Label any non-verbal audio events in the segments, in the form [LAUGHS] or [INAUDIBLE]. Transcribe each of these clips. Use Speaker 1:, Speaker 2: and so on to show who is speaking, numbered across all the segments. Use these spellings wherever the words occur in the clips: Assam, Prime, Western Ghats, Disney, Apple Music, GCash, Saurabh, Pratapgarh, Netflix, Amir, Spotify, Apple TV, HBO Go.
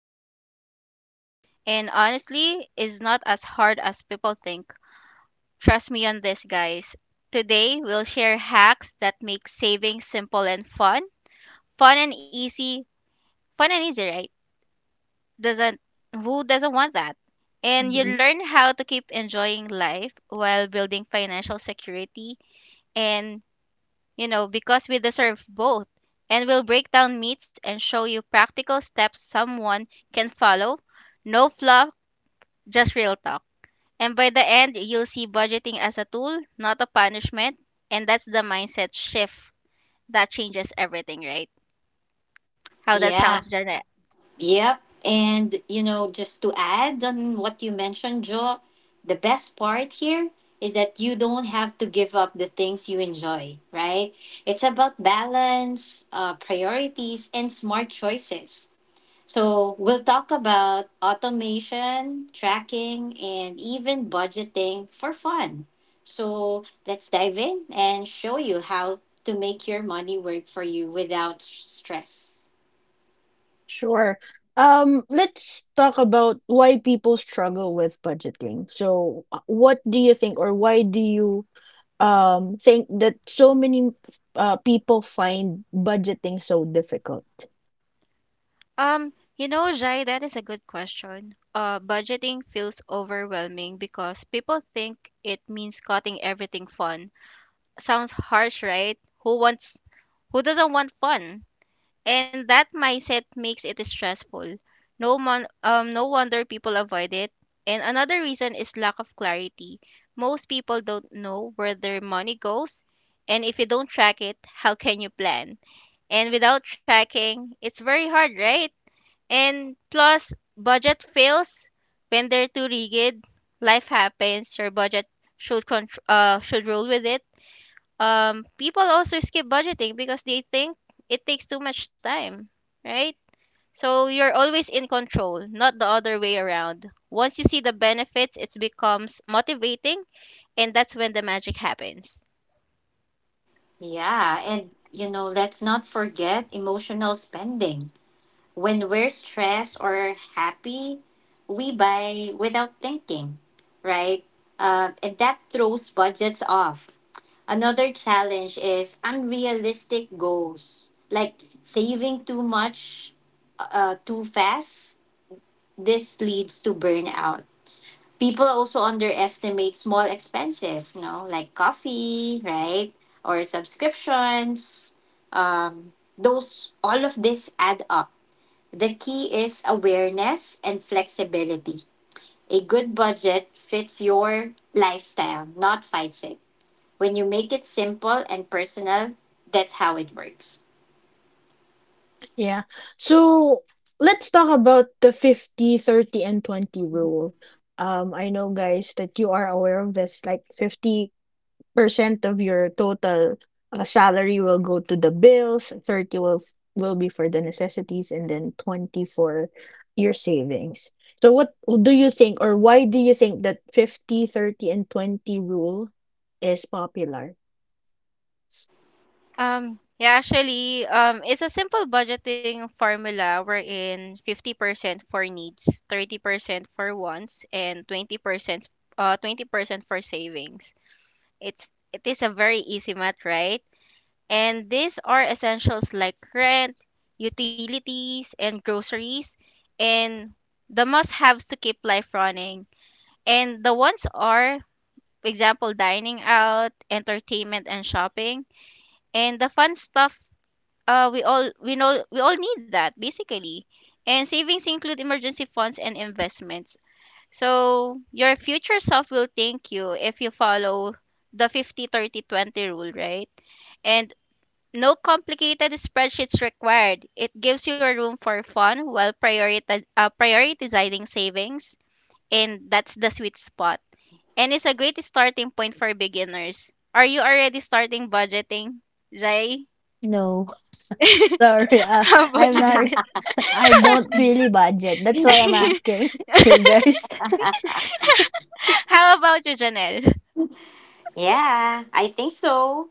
Speaker 1: game changer, right? And honestly, it's not as hard as people think. Trust me on this, guys. Today, we'll share hacks that make saving simple and fun. Fun and easy. Fun and easy, right? Doesn't Who doesn't want that? And you
Speaker 2: Mhm.
Speaker 1: learn how to keep enjoying life while building financial security, and because we deserve both. And we'll break down myths and show you practical steps someone can follow. No fluff, just real talk. And by the end, you'll see budgeting as a tool, not a punishment. And that's the mindset shift that changes everything, right? How that sounds,
Speaker 3: Yeah,
Speaker 1: Janet?
Speaker 3: yep. And, you know, just to add on what you mentioned, Joe, the best part here is that you don't have to give up the things you enjoy, right? It's about balance, priorities, and smart choices. So we'll talk about automation, tracking, and even budgeting for fun. So let's dive in and show you how to make your money work for you without stress.
Speaker 2: Sure. Let's talk about why people struggle with budgeting. So, what do you think, or why do you think that so many people find budgeting so difficult.
Speaker 1: Jai, that is a good question. Budgeting feels overwhelming because people think it means cutting everything fun. Sounds harsh, right? Who wants, who doesn't want fun? And that mindset makes it stressful. No wonder people avoid it. And another reason is lack of clarity. Most people don't know where their money goes, and if you don't track it, how can you plan? And without tracking, it's very hard, right? And plus, budget fails when they're too rigid. Life happens. Your budget should roll with it. People also skip budgeting because they think it takes too much time, right? So you're always in control, not the other way around. Once you see the benefits, it becomes motivating, and that's when the magic happens.
Speaker 3: Yeah, and you know, let's not forget emotional spending. When we're stressed or happy, we buy without thinking, right? And that throws budgets off. Another challenge is unrealistic goals, like saving too much too fast. This leads to burnout. People also underestimate small expenses, you know, like coffee, right? Or subscriptions. Um, those all of this add up. The key is awareness and flexibility. A good budget fits your lifestyle, not fights it. When you make it simple and personal, that's how it works.
Speaker 2: Yeah, so let's talk about the 50, 30, and 20 rule. I know guys that you are aware of this, like 50% of your total salary will go to the bills, 30 will be for the necessities, and then 20 for your savings. So what do you think, or why do you think that 50, 30, and 20 rule is popular?
Speaker 1: Yeah, actually, it's a simple budgeting formula wherein 50% for needs, 30% for wants, and 20% 20% for savings. It is a very easy math, right? And these are essentials like rent, utilities, and groceries, and the must-haves to keep life running. And the wants are, for example, dining out, entertainment, and shopping. And the fun stuff, we all we know we all need that, basically. And savings include emergency funds and investments, so your future self will thank you if you follow the 50/30/20 rule, right? And no complicated spreadsheets required. It gives you a room for fun while prioritizing savings, and that's the sweet spot. And it's a great starting point for beginners. Are you already starting budgeting, Jay?
Speaker 2: No, [LAUGHS] sorry.
Speaker 1: [LAUGHS] How about you,
Speaker 2: I'm not.
Speaker 1: Janet?
Speaker 2: [LAUGHS] I don't really budget. That's why I'm
Speaker 1: [LAUGHS]
Speaker 2: asking [LAUGHS] you guys. [LAUGHS]
Speaker 3: [LAUGHS]
Speaker 1: [LAUGHS] How about you, Janelle? [LAUGHS]
Speaker 3: Yeah, I think so.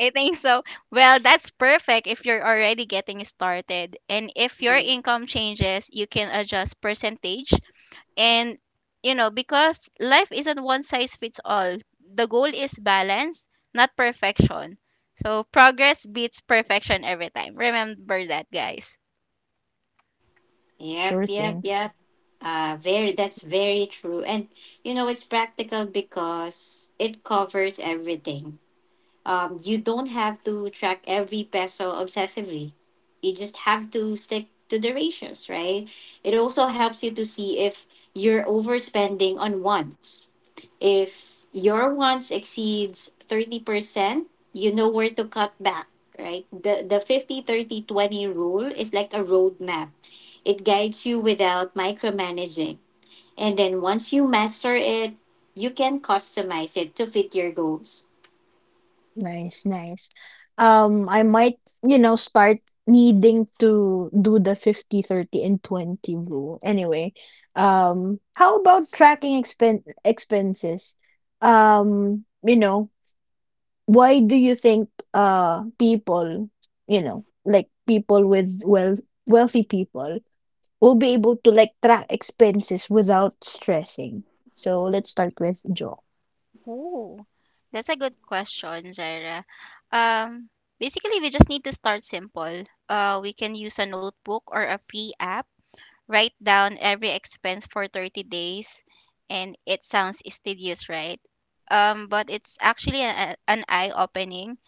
Speaker 1: I think so. Well, that's perfect if you're already getting started. And if your income changes, you can adjust percentage. And, because life isn't one size fits all, the goal is balance, not perfection. So progress beats perfection every time. Remember that, guys.
Speaker 3: Yep,
Speaker 2: Sure
Speaker 3: yep,
Speaker 2: thing.
Speaker 3: yep. That's very true. And you know, it's practical because it covers everything. You don't have to track every peso obsessively. You just have to stick to the ratios, right? It also helps you to see if you're overspending on wants. If your wants exceeds 30%, you know where to cut back, right? The 50-30-20 rule is like a roadmap, it guides you without micromanaging. And then once you master it, you can customize it to fit your goals.
Speaker 2: Nice, nice. Um, I might, you know, start needing to do the 50, 30, and 20 rule. Anyway, how about tracking expenses? You know, why do you think people, you know, like people with wealthy people we'll be able to like track expenses without stressing. So let's start with Joe.
Speaker 1: Ooh, that's a good question, Jaira. Um, Basically, we just need to start simple. We can use a notebook or a free app. Write down every expense for 30 days, and it sounds tedious, right? But it's actually an eye opening.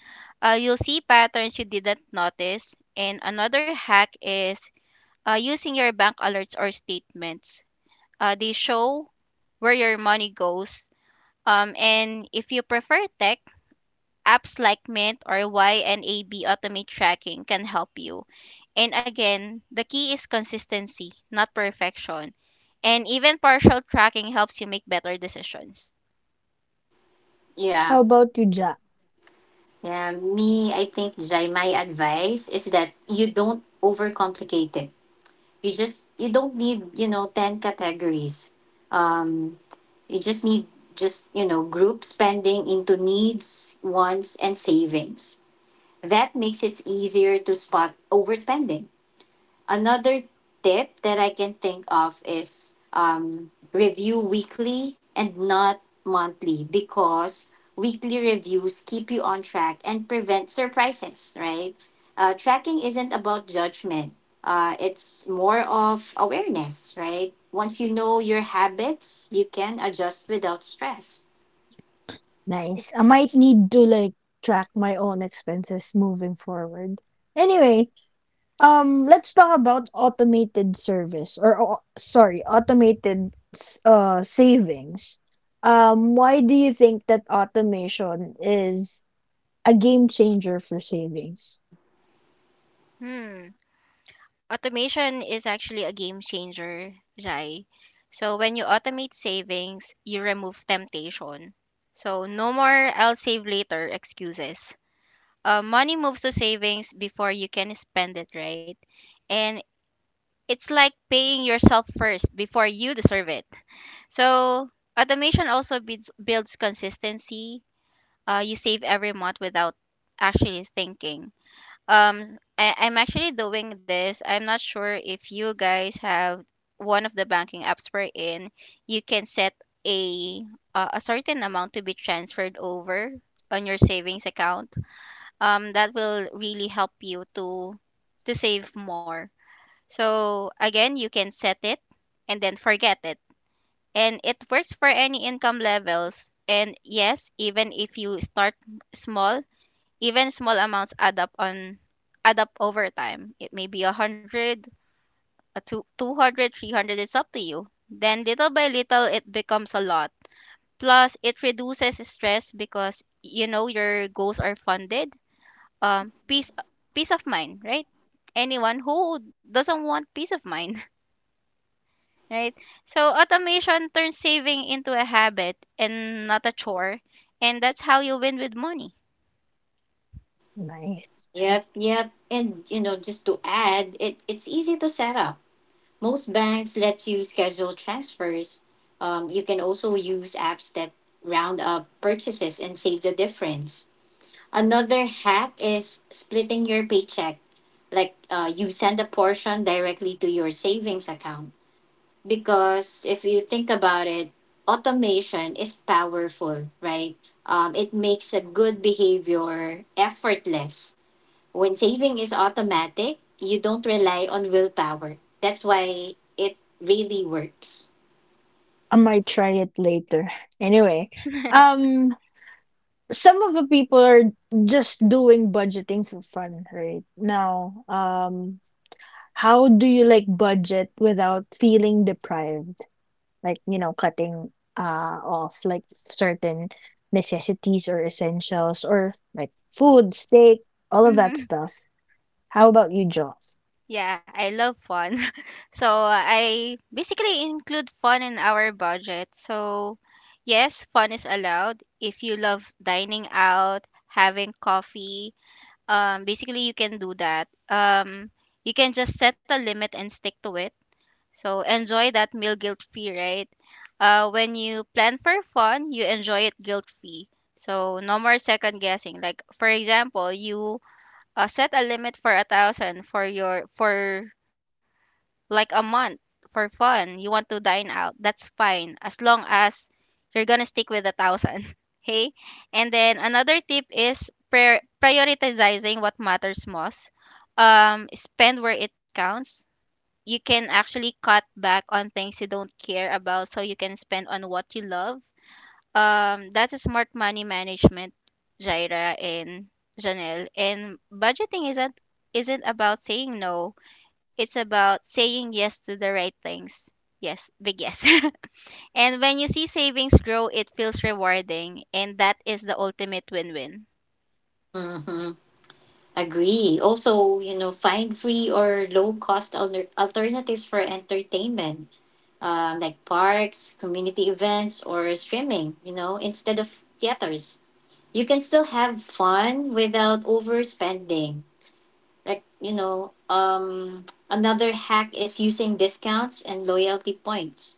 Speaker 1: You'll see patterns you didn't notice. And another hack is using your bank alerts or statements. They show where your money goes. And if you prefer tech, apps like Mint or YNAB Automate Tracking can help you. And again, the key is consistency, not perfection. And even partial tracking helps you make better decisions.
Speaker 3: Yeah.
Speaker 2: How about you, Jack?
Speaker 3: Yeah, me, I think, Jai, my advice is that you don't overcomplicate it. You don't need, you know, 10 categories. Um, you just need, just, you know, group spending into needs, wants, and savings. That makes it easier to spot overspending. Another tip that I can think of is review weekly and not monthly, because weekly reviews keep you on track and prevent surprises, right? Tracking isn't about judgment, it's more of awareness, right? Once you know your habits, you can adjust without stress.
Speaker 2: Nice. I might need to like track my own expenses moving forward. Anyway, let's talk about automated service or au- sorry, automated savings. Why do you think that automation is a game changer for savings?
Speaker 1: Hmm. Automation is actually a game changer, Jai. So when you automate savings, you remove temptation. So no more I'll save later excuses. Money moves to savings before you can spend it, right? And it's like paying yourself first before you deserve it. So automation also builds consistency. You save every month without actually thinking. I'm actually doing this. I'm not sure if you guys have one of the banking apps we in. You can set a a certain amount to be transferred over on your savings account. That will really help you to save more, so again, you can set it and then forget it. And it works for any income levels. And yes, even if you start small, even small amounts add up over time. It may be 100, a two, 200, 300. It's up to you. Then little by little, it becomes a lot. Plus, it reduces stress because you know your goals are funded. Um, peace, Peace of mind, right? Anyone who doesn't want peace of mind? [LAUGHS] Right? So automation turns saving into a habit and not a chore, and that's how you win with money.
Speaker 2: Nice.
Speaker 3: Yep. And you know, just to add, it's easy to set up. Most banks let you schedule transfers. You can also use apps that round up purchases and save the difference. Another hack is splitting your paycheck. Like you send a portion directly to your savings account. Because if you think about it, automation is powerful, right? It makes a good behavior effortless. When saving is automatic, you don't rely on willpower. That's why it really works.
Speaker 2: I might try it later. Anyway, um, some of the people are just doing budgeting for fun right now. How do you like budget without feeling deprived? Like, you know, cutting off like certain necessities or essentials, or like food, steak, all of that
Speaker 1: Hmm.
Speaker 2: stuff. How about you, Joe?
Speaker 1: Yeah, I love fun. [LAUGHS] So I basically include fun in our budget. So yes, fun is allowed if you love dining out, having coffee. Basically, you can do that. You can just set a limit and stick to it. So enjoy that meal guilt free, right? When you plan for fun, you enjoy it guilt free. So no more second guessing. Like, for example, you set a limit for 1,000 for your for like a month for fun. You want to dine out. That's fine as long as you're gonna stick with 1,000. [LAUGHS] Okay. And then another tip is prioritizing what matters most. Um, Spend where it counts. You can actually cut back on things you don't care about so you can spend on what you love. That's a smart money management, Jaira and Janelle. And budgeting isn't about saying no. It's about saying yes to the right things. Yes, big yes. [LAUGHS] And when you see savings grow, it feels rewarding, and that is the ultimate win-win.
Speaker 3: Mm-hmm. Agree. Also, you know, find free or low cost alternatives for entertainment, like parks, community events, or streaming, you know, instead of theaters. You can still have fun without overspending. Like, you know, another hack is using discounts and loyalty points.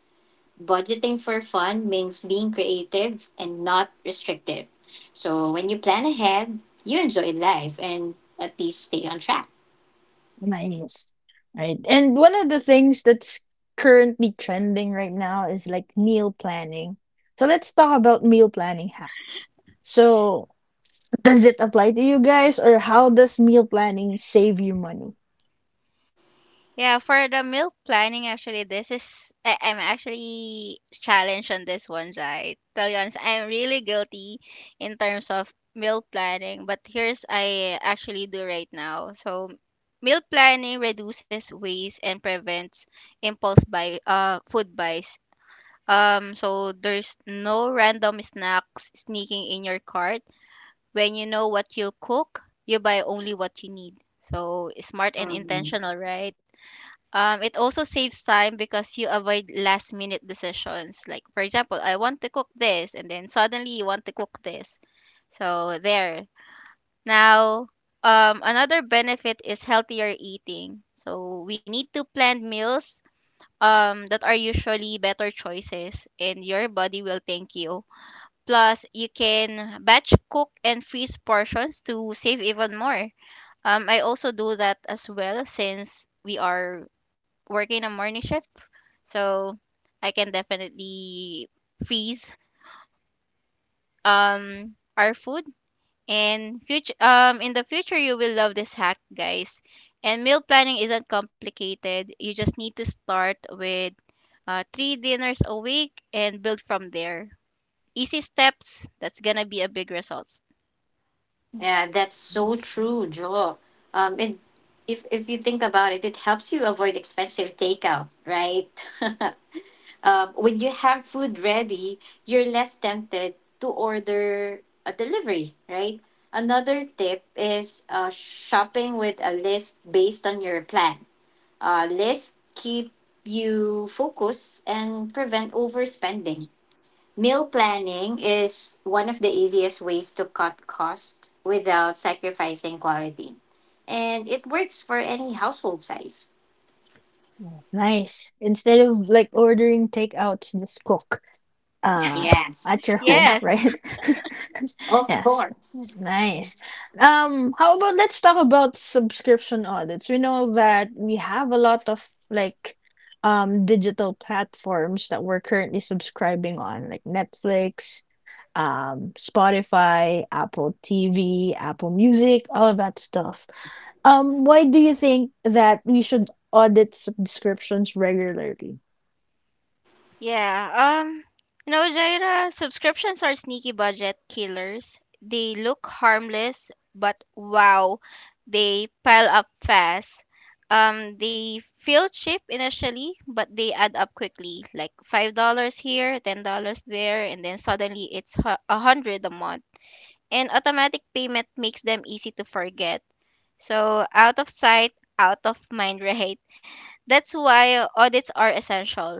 Speaker 3: Budgeting for fun means being creative and not restrictive. So when you plan ahead, you enjoy life and at least stay on track.
Speaker 2: Nice. Right. And one of the things that's currently trending right now is like meal planning. So let's talk about meal planning hacks. So does it apply to you guys, or how does meal planning save you money?
Speaker 1: Yeah, for the meal planning, actually, I'm actually challenged on this one, Jai. Tell you honest, I'm really guilty in terms of meal planning, but here's I actually do right now. So, meal planning reduces waste and prevents food buys. So there's no random snacks sneaking in your cart. When you know what you'll cook, you buy only what you need. So smart and
Speaker 3: Mhm.
Speaker 1: intentional, right? It also saves time because you avoid last minute decisions. Like, for example, I want to cook this, and then suddenly you want to cook this. So, there. Now, another benefit is healthier eating. So, we need to plan meals that are usually better choices, and your body will thank you. Plus, you can batch cook and freeze portions to save even more. I also do that as well since we are working a morning shift, so I can definitely freeze um our food and future in the future, you will love this hack, guys. And meal planning isn't complicated. You just need to start with three dinners a week and build from there. Easy steps. That's gonna be a big results.
Speaker 3: Yeah, that's so true, Joe. Um, it, if you think about it, it helps you avoid expensive takeout, right? [LAUGHS] When you have food ready, you're less tempted to order a delivery, right? Another tip is shopping with a list based on your plan. List keep you focused and prevent overspending. Meal planning is one of the easiest ways to cut costs without sacrificing quality. And it works for any household size.
Speaker 2: Yes, nice. Instead of like ordering takeouts, just cook. Uh,
Speaker 1: [LAUGHS]
Speaker 2: at
Speaker 3: Yes,
Speaker 2: your home,
Speaker 1: Yes.
Speaker 2: right? [LAUGHS]
Speaker 3: [LAUGHS] of
Speaker 2: Yes,
Speaker 3: course.
Speaker 2: nice. How about, let's talk about subscription audits. We know that we have a lot of like digital platforms that we're currently subscribing on, like Netflix, Spotify, Apple TV, Apple Music, all of that stuff. Why do you think that we should audit subscriptions regularly?
Speaker 1: Yeah. Jaira, subscriptions are sneaky budget killers. They look harmless, but wow, they pile up fast. They feel cheap initially, but they add up quickly. Like $5 here, $10 there, and then suddenly it's 100 a month. And automatic payment makes them easy to forget. So out of sight, out of mind, [LAUGHS] right? That's why audits are essential.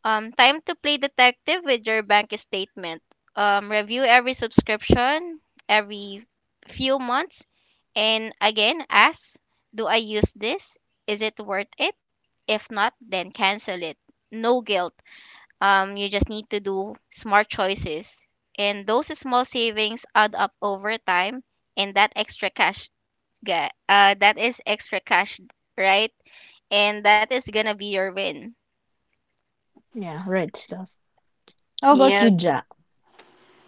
Speaker 1: Time to play detective with your bank statement. Review every subscription every few months. And again, ask, do I use this? Is it worth it? If not, then cancel it. No guilt. You just need to do smart choices. And those small savings add up over time. And that extra cash, that is extra cash, right? And that is gonna be your win.
Speaker 2: Yeah, right stuff. How about
Speaker 3: Yep.
Speaker 2: you, Jack?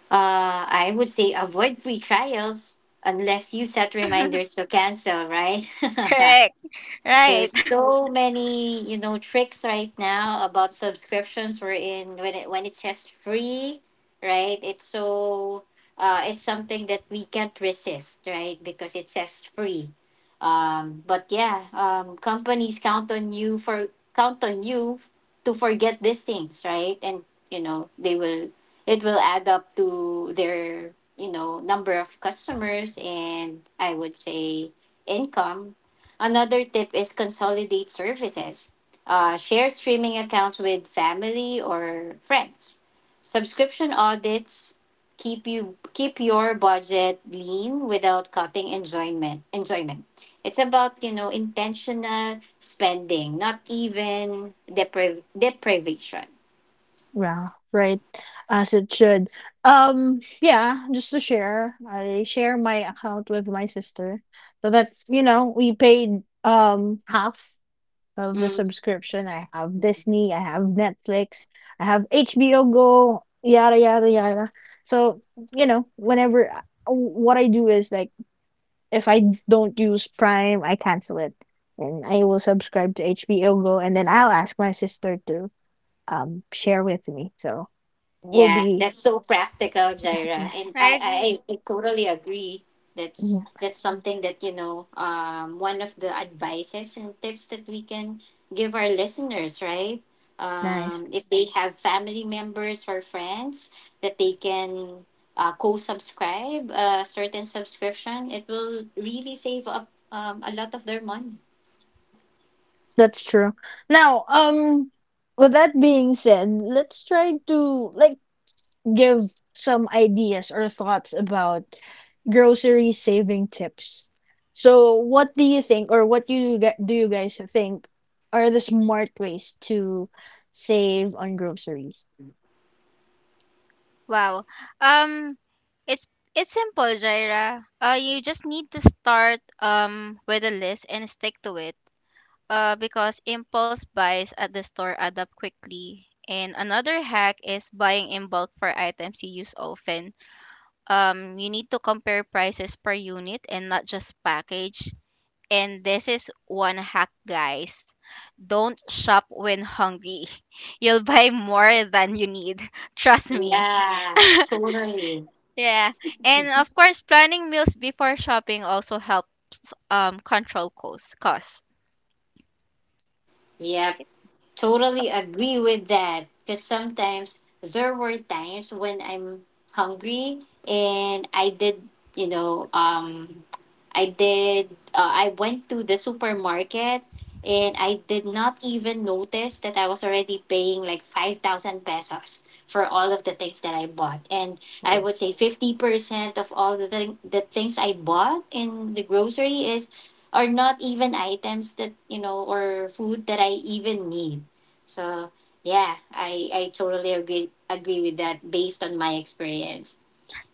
Speaker 3: I would say avoid free trials unless you set
Speaker 1: [LAUGHS]
Speaker 3: reminders to cancel, right? [LAUGHS]
Speaker 1: Correct. Right.
Speaker 3: There's so many you know tricks right now about subscriptions. We're in when it says free, right? It's something that we can't resist, right? Because it says free. But yeah, companies count on you count on you to forget these things, right? And you know they will, it will add up to their, you know, number of customers and I would say income. Another tip is consolidate services. Share streaming accounts with family or friends. Subscription audits keep your budget lean without cutting enjoyment. Enjoyment. It's about you know intentional spending, not even deprivation.
Speaker 2: Yeah, right, as it should. Yeah, just to share, I share my account with my sister. So that's, you know, we paid half of the
Speaker 3: Mm.
Speaker 2: subscription. I have Disney, I have Netflix, I have HBO Go, yada yada yada. So, you know, what I do is like, if I don't use Prime, I cancel it and I will subscribe to HBO Go, and then I'll ask my sister to share with me. So will
Speaker 3: Yeah,
Speaker 2: be.
Speaker 3: that's so practical, Jaira, and
Speaker 1: I agree.
Speaker 3: I totally agree.
Speaker 2: Mm,
Speaker 3: That's something that you know, one of the advices and tips that we can give our listeners, right?
Speaker 2: nice.
Speaker 3: If they have family members or friends that they can co-subscribe a certain subscription, it will really save up a lot of their money.
Speaker 2: That's true. Now, with that being said, let's try to like give some ideas or thoughts about grocery saving tips. So, what do you think, or what do you gu- do you guys think are the smart ways to save on groceries?
Speaker 1: Wow. Um it's it's simple, Jaira. You just need to start with a list and stick to it. Because impulse buys at the store add up quickly. And another hack is buying in bulk for items you use often. You need to compare prices per unit and not just package. And this is one hack, guys. Don't shop when hungry. [LAUGHS] You'll buy more than you need. [LAUGHS] Trust me.
Speaker 3: Yeah, totally.
Speaker 1: Yeah. And of course, planning meals before shopping also help control costs. Costs.
Speaker 3: Yep, totally agree with that. Because sometimes there were times when I'm hungry and I did, you know, I went to the supermarket and I did not even notice that I was already paying like 5,000 pesos for all of the things that I bought. And I
Speaker 2: Oh,
Speaker 3: would say 50% of the things I bought in the grocery is or not even items that you know or food that I even need. So yeah, I totally agree with that based on my experience.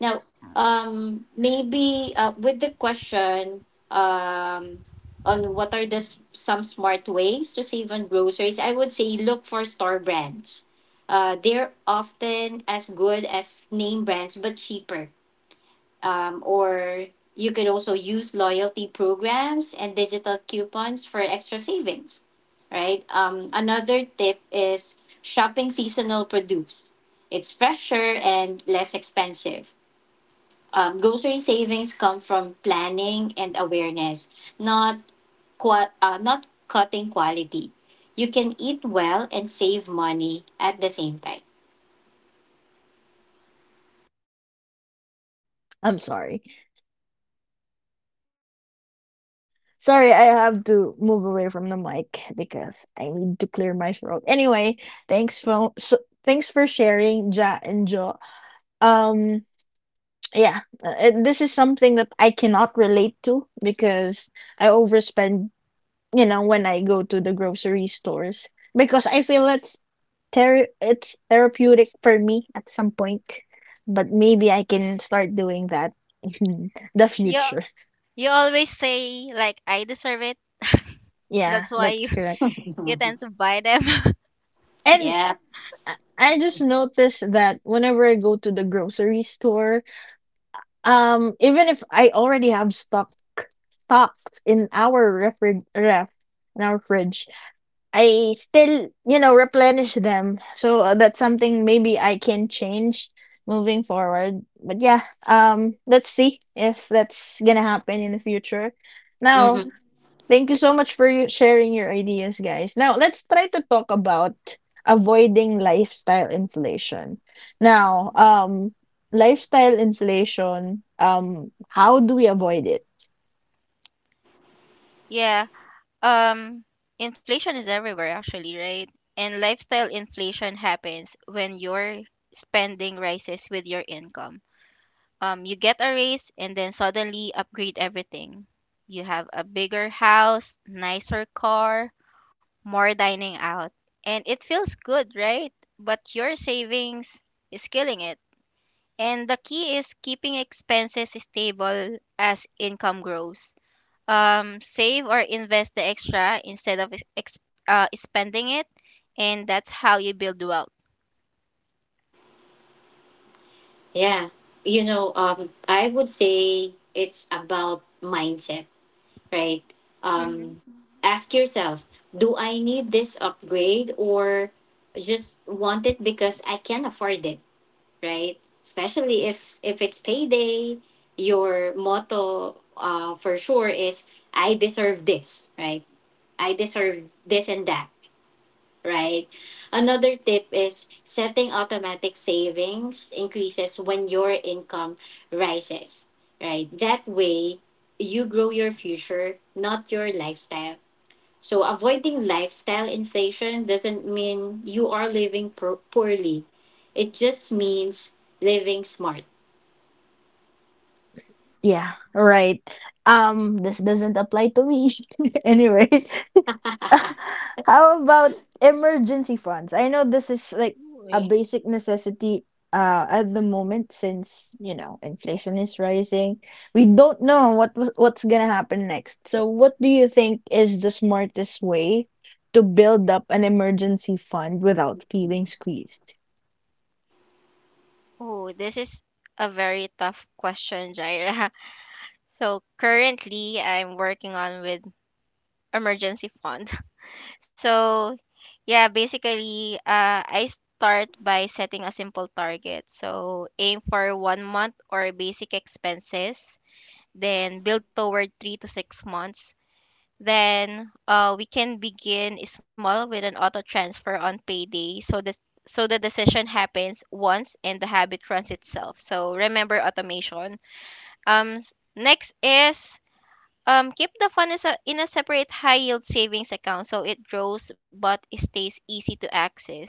Speaker 3: Now, maybe with the question um on what are some smart ways to save on groceries, I would say look for store brands. They're often as good as name brands but cheaper, or you could also use loyalty programs and digital coupons for extra savings, right? Another tip is shopping seasonal produce. It's fresher and less expensive. Grocery savings come from planning and awareness, not not cutting quality. You can eat well and save money at the same time.
Speaker 2: I'm sorry. Sorry, I have to move away from the mic because I need to clear my throat. Anyway, thanks for so, thanks for sharing, Ja and Jo. Um, yeah, and this is something that I cannot relate to because I overspend. You know, when I go to the grocery stores, because I feel it's it's therapeutic for me at some point, but maybe I can start doing that [LAUGHS] in the
Speaker 1: You
Speaker 2: future.
Speaker 1: you always say like I deserve it.
Speaker 2: Yeah,
Speaker 1: That's why you,
Speaker 2: that's correct.
Speaker 1: [LAUGHS] you tend to buy them.
Speaker 2: And.
Speaker 3: Yeah.
Speaker 2: I just noticed that whenever I go to the grocery store, even if I already have stocks in our refri- ref in our fridge, I still you know replenish them. So that's something maybe I can change moving forward. But yeah, let's see if that's gonna happen in the future. Now,
Speaker 3: Mm-hmm.
Speaker 2: thank you so much for you sharing your ideas, guys. Now, let's try to talk about avoiding lifestyle inflation. Now, lifestyle inflation, how do we avoid it?
Speaker 1: [LAUGHS] yeah. Um Inflation is everywhere actually, right? And lifestyle inflation happens when your spending rises with your income. You get a raise and then suddenly upgrade everything. You have a bigger house, nicer car, more dining out. And it feels good, right? But your savings is killing it. And the key is keeping expenses stable as income grows. Save or invest the extra instead of spending it. And that's how you build wealth.
Speaker 3: Yeah. You know, I would say it's about mindset, right?
Speaker 1: Mm-hmm.
Speaker 3: Um, Ask yourself, do I need this upgrade or just want it because I can afford it, right? Especially if it's payday, your motto for sure is I deserve this, right? I deserve this and that, right? Another tip is setting automatic savings increases when your income rises, right? That way, you grow your future, not your lifestyle. So, avoiding lifestyle inflation doesn't mean you are living poorly. It just means living smart.
Speaker 2: Yeah, right. This doesn't apply to me. [LAUGHS] Anyway, [LAUGHS] how about emergency funds? I know this is like a basic necessity at the moment since, you know, inflation is rising. We don't know what's going to happen next. So what do you think is the smartest way to build up an emergency fund without feeling squeezed?
Speaker 1: Oh, this is a very tough question, Jaira. [LAUGHS] So currently, I'm working on with emergency fund. [LAUGHS] So yeah, basically, I start by setting a simple target. So aim for 1 month or basic expenses, then build toward 3 to 6 months. Then we can begin small with an auto transfer on payday. So the decision happens once and the habit runs itself. So remember automation. Next is keep the fund in a separate high yield savings account so it grows but stays easy to access.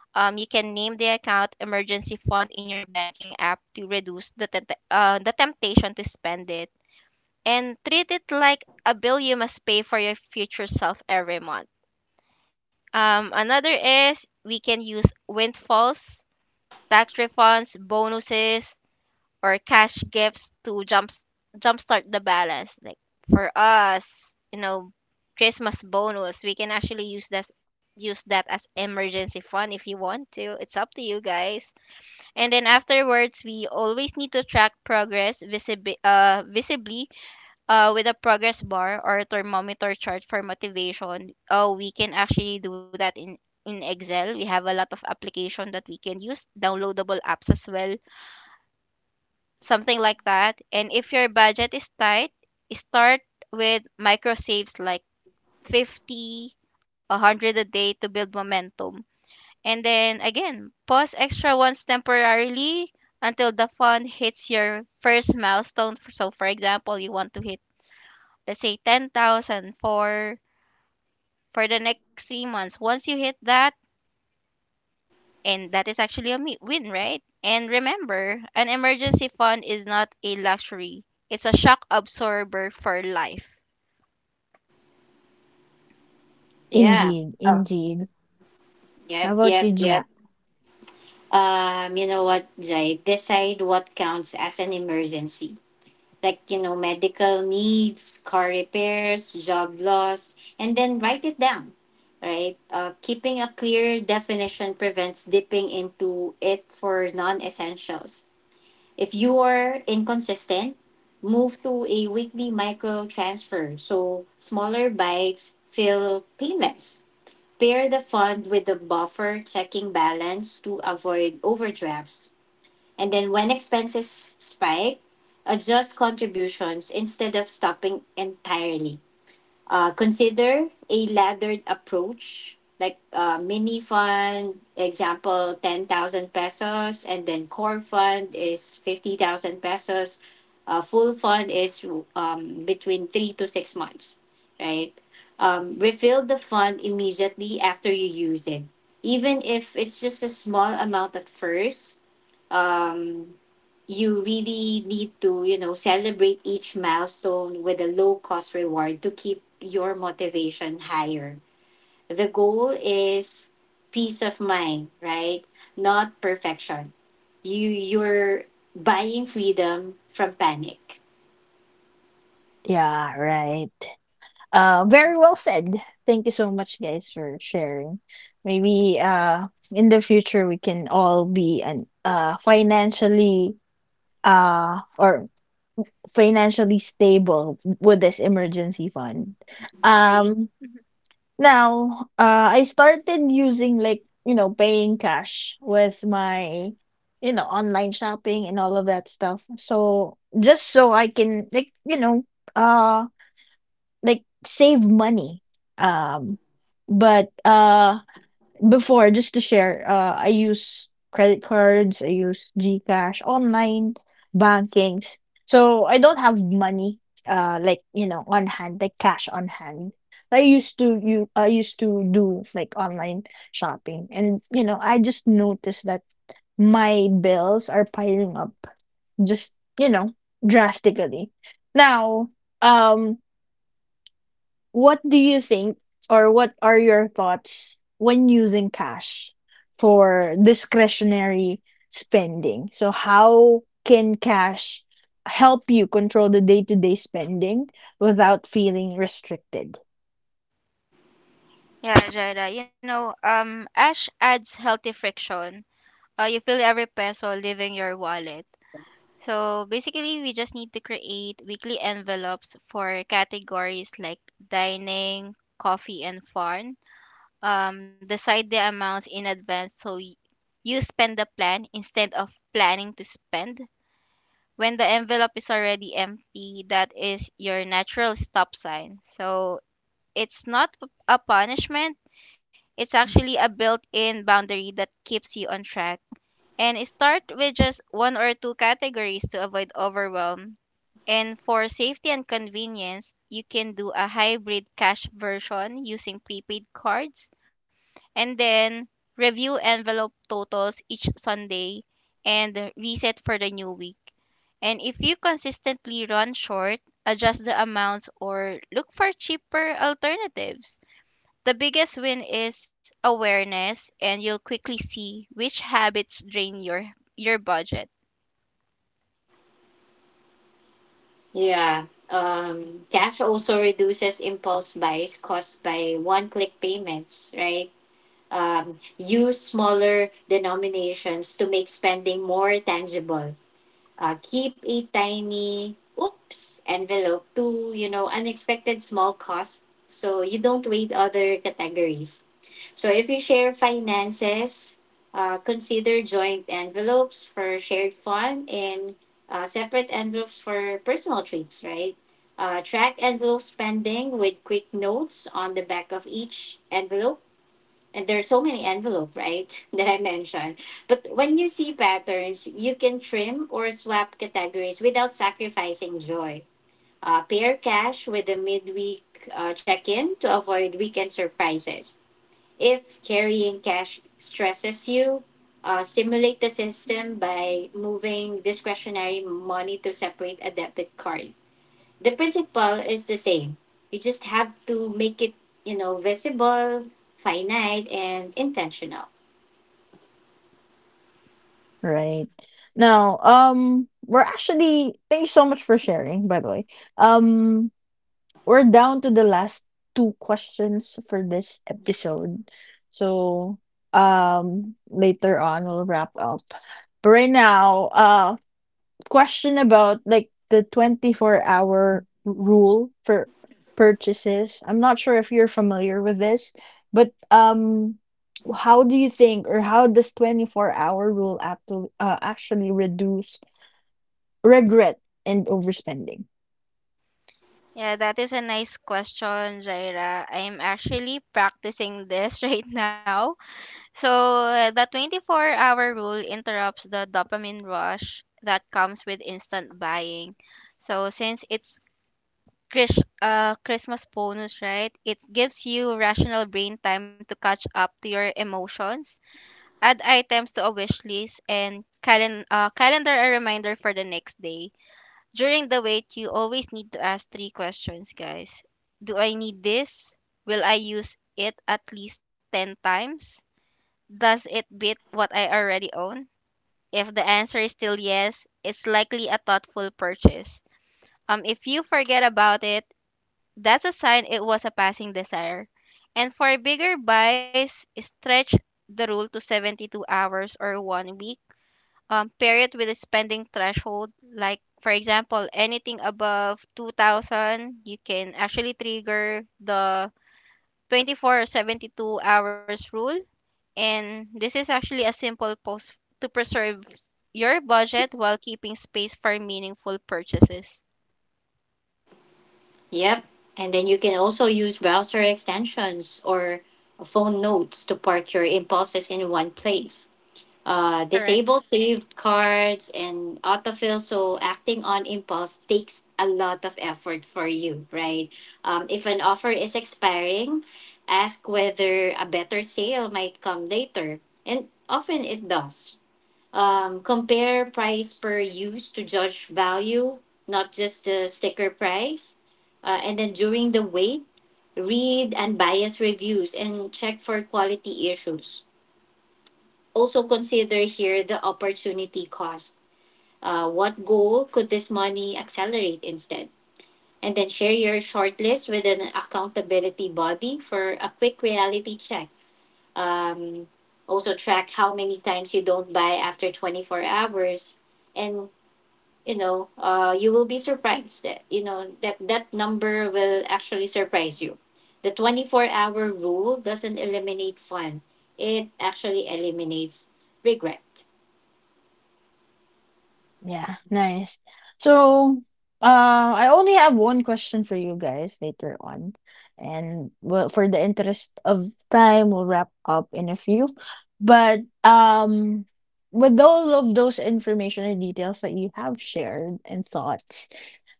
Speaker 1: You can name the account emergency fund in your banking app to reduce the temptation to spend it, and treat it like a bill you must pay for your future self every month. Another is we can use windfalls, tax refunds, bonuses, or cash gifts to jumpstart the balance. Like for us, you know, Christmas bonus, we can actually use that as emergency fund if you want to. It's up to you guys. And then afterwards, we always need to track progress visibly with a progress bar or thermometer chart for motivation. Oh, we can actually do that in Excel. We have a lot of application that we can use, downloadable apps as well, something like that. And if your budget is tight, start with micro saves like 50, 100 a day to build momentum. And then again, pause extra ones temporarily until the fund hits your first milestone. So for example, you want to hit, let's say, 10,000 for the next 3 months. Once you hit that, and that is actually a win, right? And remember, an emergency fund is not a luxury, it's a shock absorber for life.
Speaker 3: Yeah.
Speaker 2: Indeed,
Speaker 3: Oh.
Speaker 2: indeed. How
Speaker 3: Yep,
Speaker 2: about
Speaker 3: yep,
Speaker 2: you,
Speaker 3: yep.
Speaker 2: Jack?
Speaker 3: You know what, Jai? Decide what counts as an emergency, like you know medical needs, car repairs, job loss, and then write it down, right? Keeping a clear definition prevents dipping into it for non-essentials. If you are inconsistent, move to a weekly micro transfer, so smaller bites feel painless. Pair the fund with a buffer checking balance to avoid overdrafts, and then when expenses spike, adjust contributions instead of stopping entirely. Consider a laddered approach, like mini fund, example, 10,000 pesos, and then core fund is 50,000 pesos. Full fund is between 3 to 6 months, right? Refill the fund immediately after you use it, even if it's just a small amount at first. um, you really need to you know celebrate each milestone with a low cost reward to keep your motivation higher. The goal is peace of mind, right? Not perfection. You're buying freedom from panic.
Speaker 2: Yeah, right. Very well said. Thank you so much, guys, for sharing. Maybe in the future we can all be an uh or financially stable with this emergency fund.
Speaker 1: Agree.
Speaker 2: Um, now I started using like you know paying cash with my you know online shopping and all of that stuff. So just so I can like you know uh like, save money. Um, but, uh, before, just to share, I use credit cards, I use GCash, online bankings. So I don't have money, like, you know, on hand, like cash on hand. I used to you I used to do like online shopping, and you know, I just noticed that my bills are piling up just, you know, drastically. Now, um what do you think or what are your thoughts when using cash for discretionary spending? So how can cash help you control the day-to-day spending without feeling restricted?
Speaker 1: Yeah, Jaira, you know, Ash adds healthy friction. You feel every peso leaving your wallet. So basically, we just need to create weekly envelopes for categories like dining, coffee, and fun. Decide the amounts in advance so you spend the plan instead of planning to spend. When the envelope is already empty, that is your natural stop sign. So it's not a punishment, it's actually a built in boundary that keeps you on track. And start with just one or two categories to avoid overwhelm. And for safety and convenience, you can do a hybrid cash version using prepaid cards, and then review envelope totals each Sunday and reset for the new week. And if you consistently run short, adjust the amounts or look for cheaper alternatives. The biggest win is awareness, and you'll quickly see which habits drain your budget.
Speaker 3: Yeah, um, cash also reduces impulse buys caused by one click payments, right? Um, use smaller denominations to make spending more tangible. Keep a tiny oops envelope to, you know, unexpected small costs so you don't raid other categories. So if you share finances, consider joint envelopes for shared fun and separate envelopes for personal treats, right? Track envelope spending with quick notes on the back of each envelope. And there's so many envelope, right, [LAUGHS] that I mentioned, but when you see patterns you can trim or swap categories without sacrificing joy. Pair cash with a midweek check-in to avoid weekend surprises. If carrying cash stresses you, simulate the system by moving discretionary money to separate a debit card. The principle is the same. You just have to make it, you know, visible, finite, and intentional.
Speaker 2: Right. Now, we're actually thank you so much for sharing, by the way. Um, we're down to the last two questions for this episode. So, later on we'll wrap up. But right now, question about like the 24-hour rule for purchases. I'm not sure if you're familiar with this, but how do you think, or how does 24-hour rule actually reduce regret and overspending?
Speaker 1: Yeah, that is a nice question, Jaira. I'm actually practicing this [LAUGHS] right now. So the 24-hour rule interrupts the dopamine rush that comes with instant buying. So since it's Christmas bonus, right? It gives you rational brain time to catch up to your emotions, add items to a wish list, and calendar a reminder for the next day. During the wait, you always need to ask three questions, guys. Do I need this? Will I use it at least 10 times? Does it beat what I already own? If the answer is still yes, it's likely a thoughtful purchase. If you forget about it, that's a sign it was a passing desire. And for bigger buys, stretch the rule to 72 hours or 1 week. Pair it with a spending threshold, like for example, anything above 2,000, you can actually trigger the 24 or 72 hours rule, and this is actually a simple post to preserve your budget while keeping space for meaningful purchases.
Speaker 3: Yep. And then you can also use browser extensions or phone notes to park your impulses in one place.
Speaker 1: Correct.
Speaker 3: Disable saved cards and autofill, so acting on impulse takes a lot of effort for you, right? If an offer is expiring, ask whether a better sale might come later, and often it does. Compare price per use to judge value, not just the sticker price. And then during the wait, read unbiased reviews and check for quality issues. Also consider here the opportunity cost. What goal could this money accelerate instead? And then share your shortlist with an accountability body for a quick reality check. Um, also track how many times you don't buy after 24 hours, and you know you will be surprised that you know that number will actually surprise you. The 24-hour rule doesn't eliminate fun, it actually eliminates regret.
Speaker 2: Yeah, nice. So, I only have one question for you guys later on. And well, for the interest of time, we'll wrap up in a few. But with all of those information and details that you have shared and thoughts,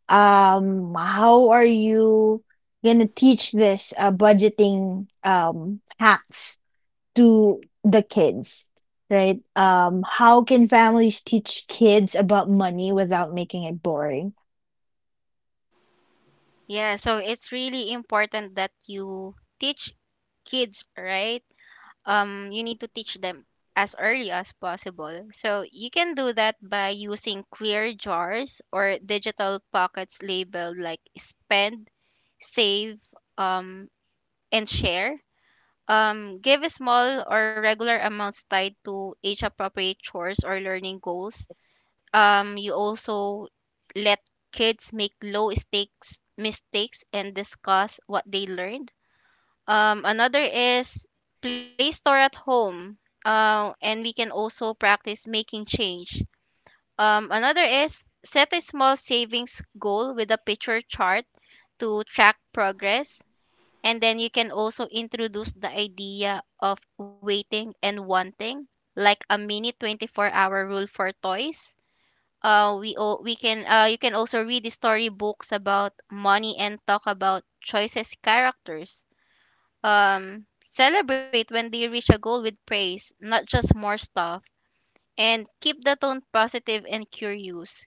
Speaker 2: how are you gonna teach this budgeting hacks to the kids, right? How can families teach kids about money without making it boring?
Speaker 1: Yeah, so it's really important that you teach kids, right? You need to teach them as early as possible. So you can do that by using clear jars or digital pockets labeled like spend, save, um, and share. Give small or regular amounts tied to age appropriate chores or learning goals. You also let kids make low stakes mistakes and discuss what they learned. Another is play store at home. And we can also practice making change. Another is set a small savings goal with a picture chart to track progress, and then you can also introduce the idea of waiting and wanting, like a mini 24-hour rule for toys. We can you can also read the storybooks about money and talk about choices characters. Celebrate when they reach a goal with praise, not just more stuff. And keep the tone positive and curious.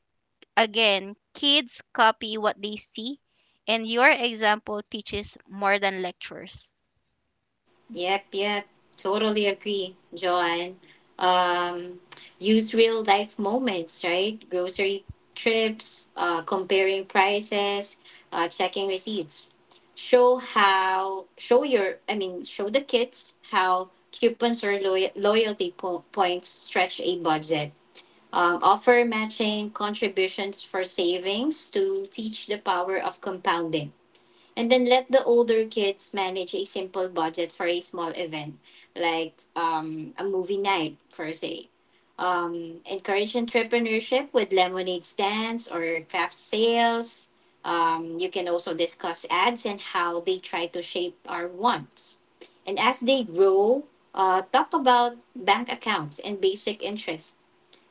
Speaker 1: Again, kids copy what they see, and your example teaches more than lectures.
Speaker 3: Yep. Totally agree, Joanne. Um, use real life moments, right? Grocery trips, comparing prices, checking receipts. Show how, show your, I mean, show the kids how coupons or loyalty points stretch a budget. Offer matching contributions for savings to teach the power of compounding. And then let the older kids manage a simple budget for a small event, like a movie night, per se. Encourage entrepreneurship with lemonade stands or craft sales. You can also discuss ads and how they try to shape our wants. And as they grow, talk about bank accounts and basic interest.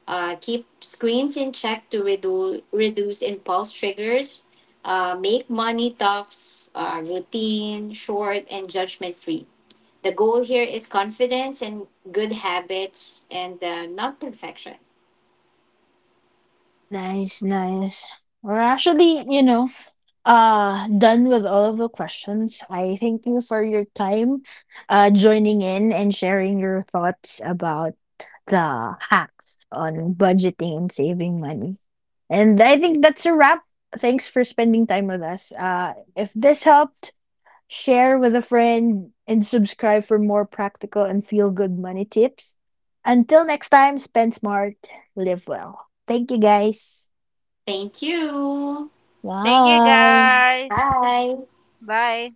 Speaker 3: Keep screens in check to reduce impulse triggers. Make money talks routine, short, and judgment free. The goal here is confidence and good habits and not perfection.
Speaker 2: Nice, nice. We're actually, you know, done with all of the questions. I thank you for your time, joining in and sharing your thoughts about the hacks on budgeting and saving money. And I think that's a wrap. Thanks for spending time with us. If this helped, share with a friend and subscribe for more practical and feel good money tips. Until next time, spend smart, live well. Thank you guys.
Speaker 3: Thank you.
Speaker 1: Thank you
Speaker 2: Bye.
Speaker 1: guys.
Speaker 3: Bye.
Speaker 1: Bye.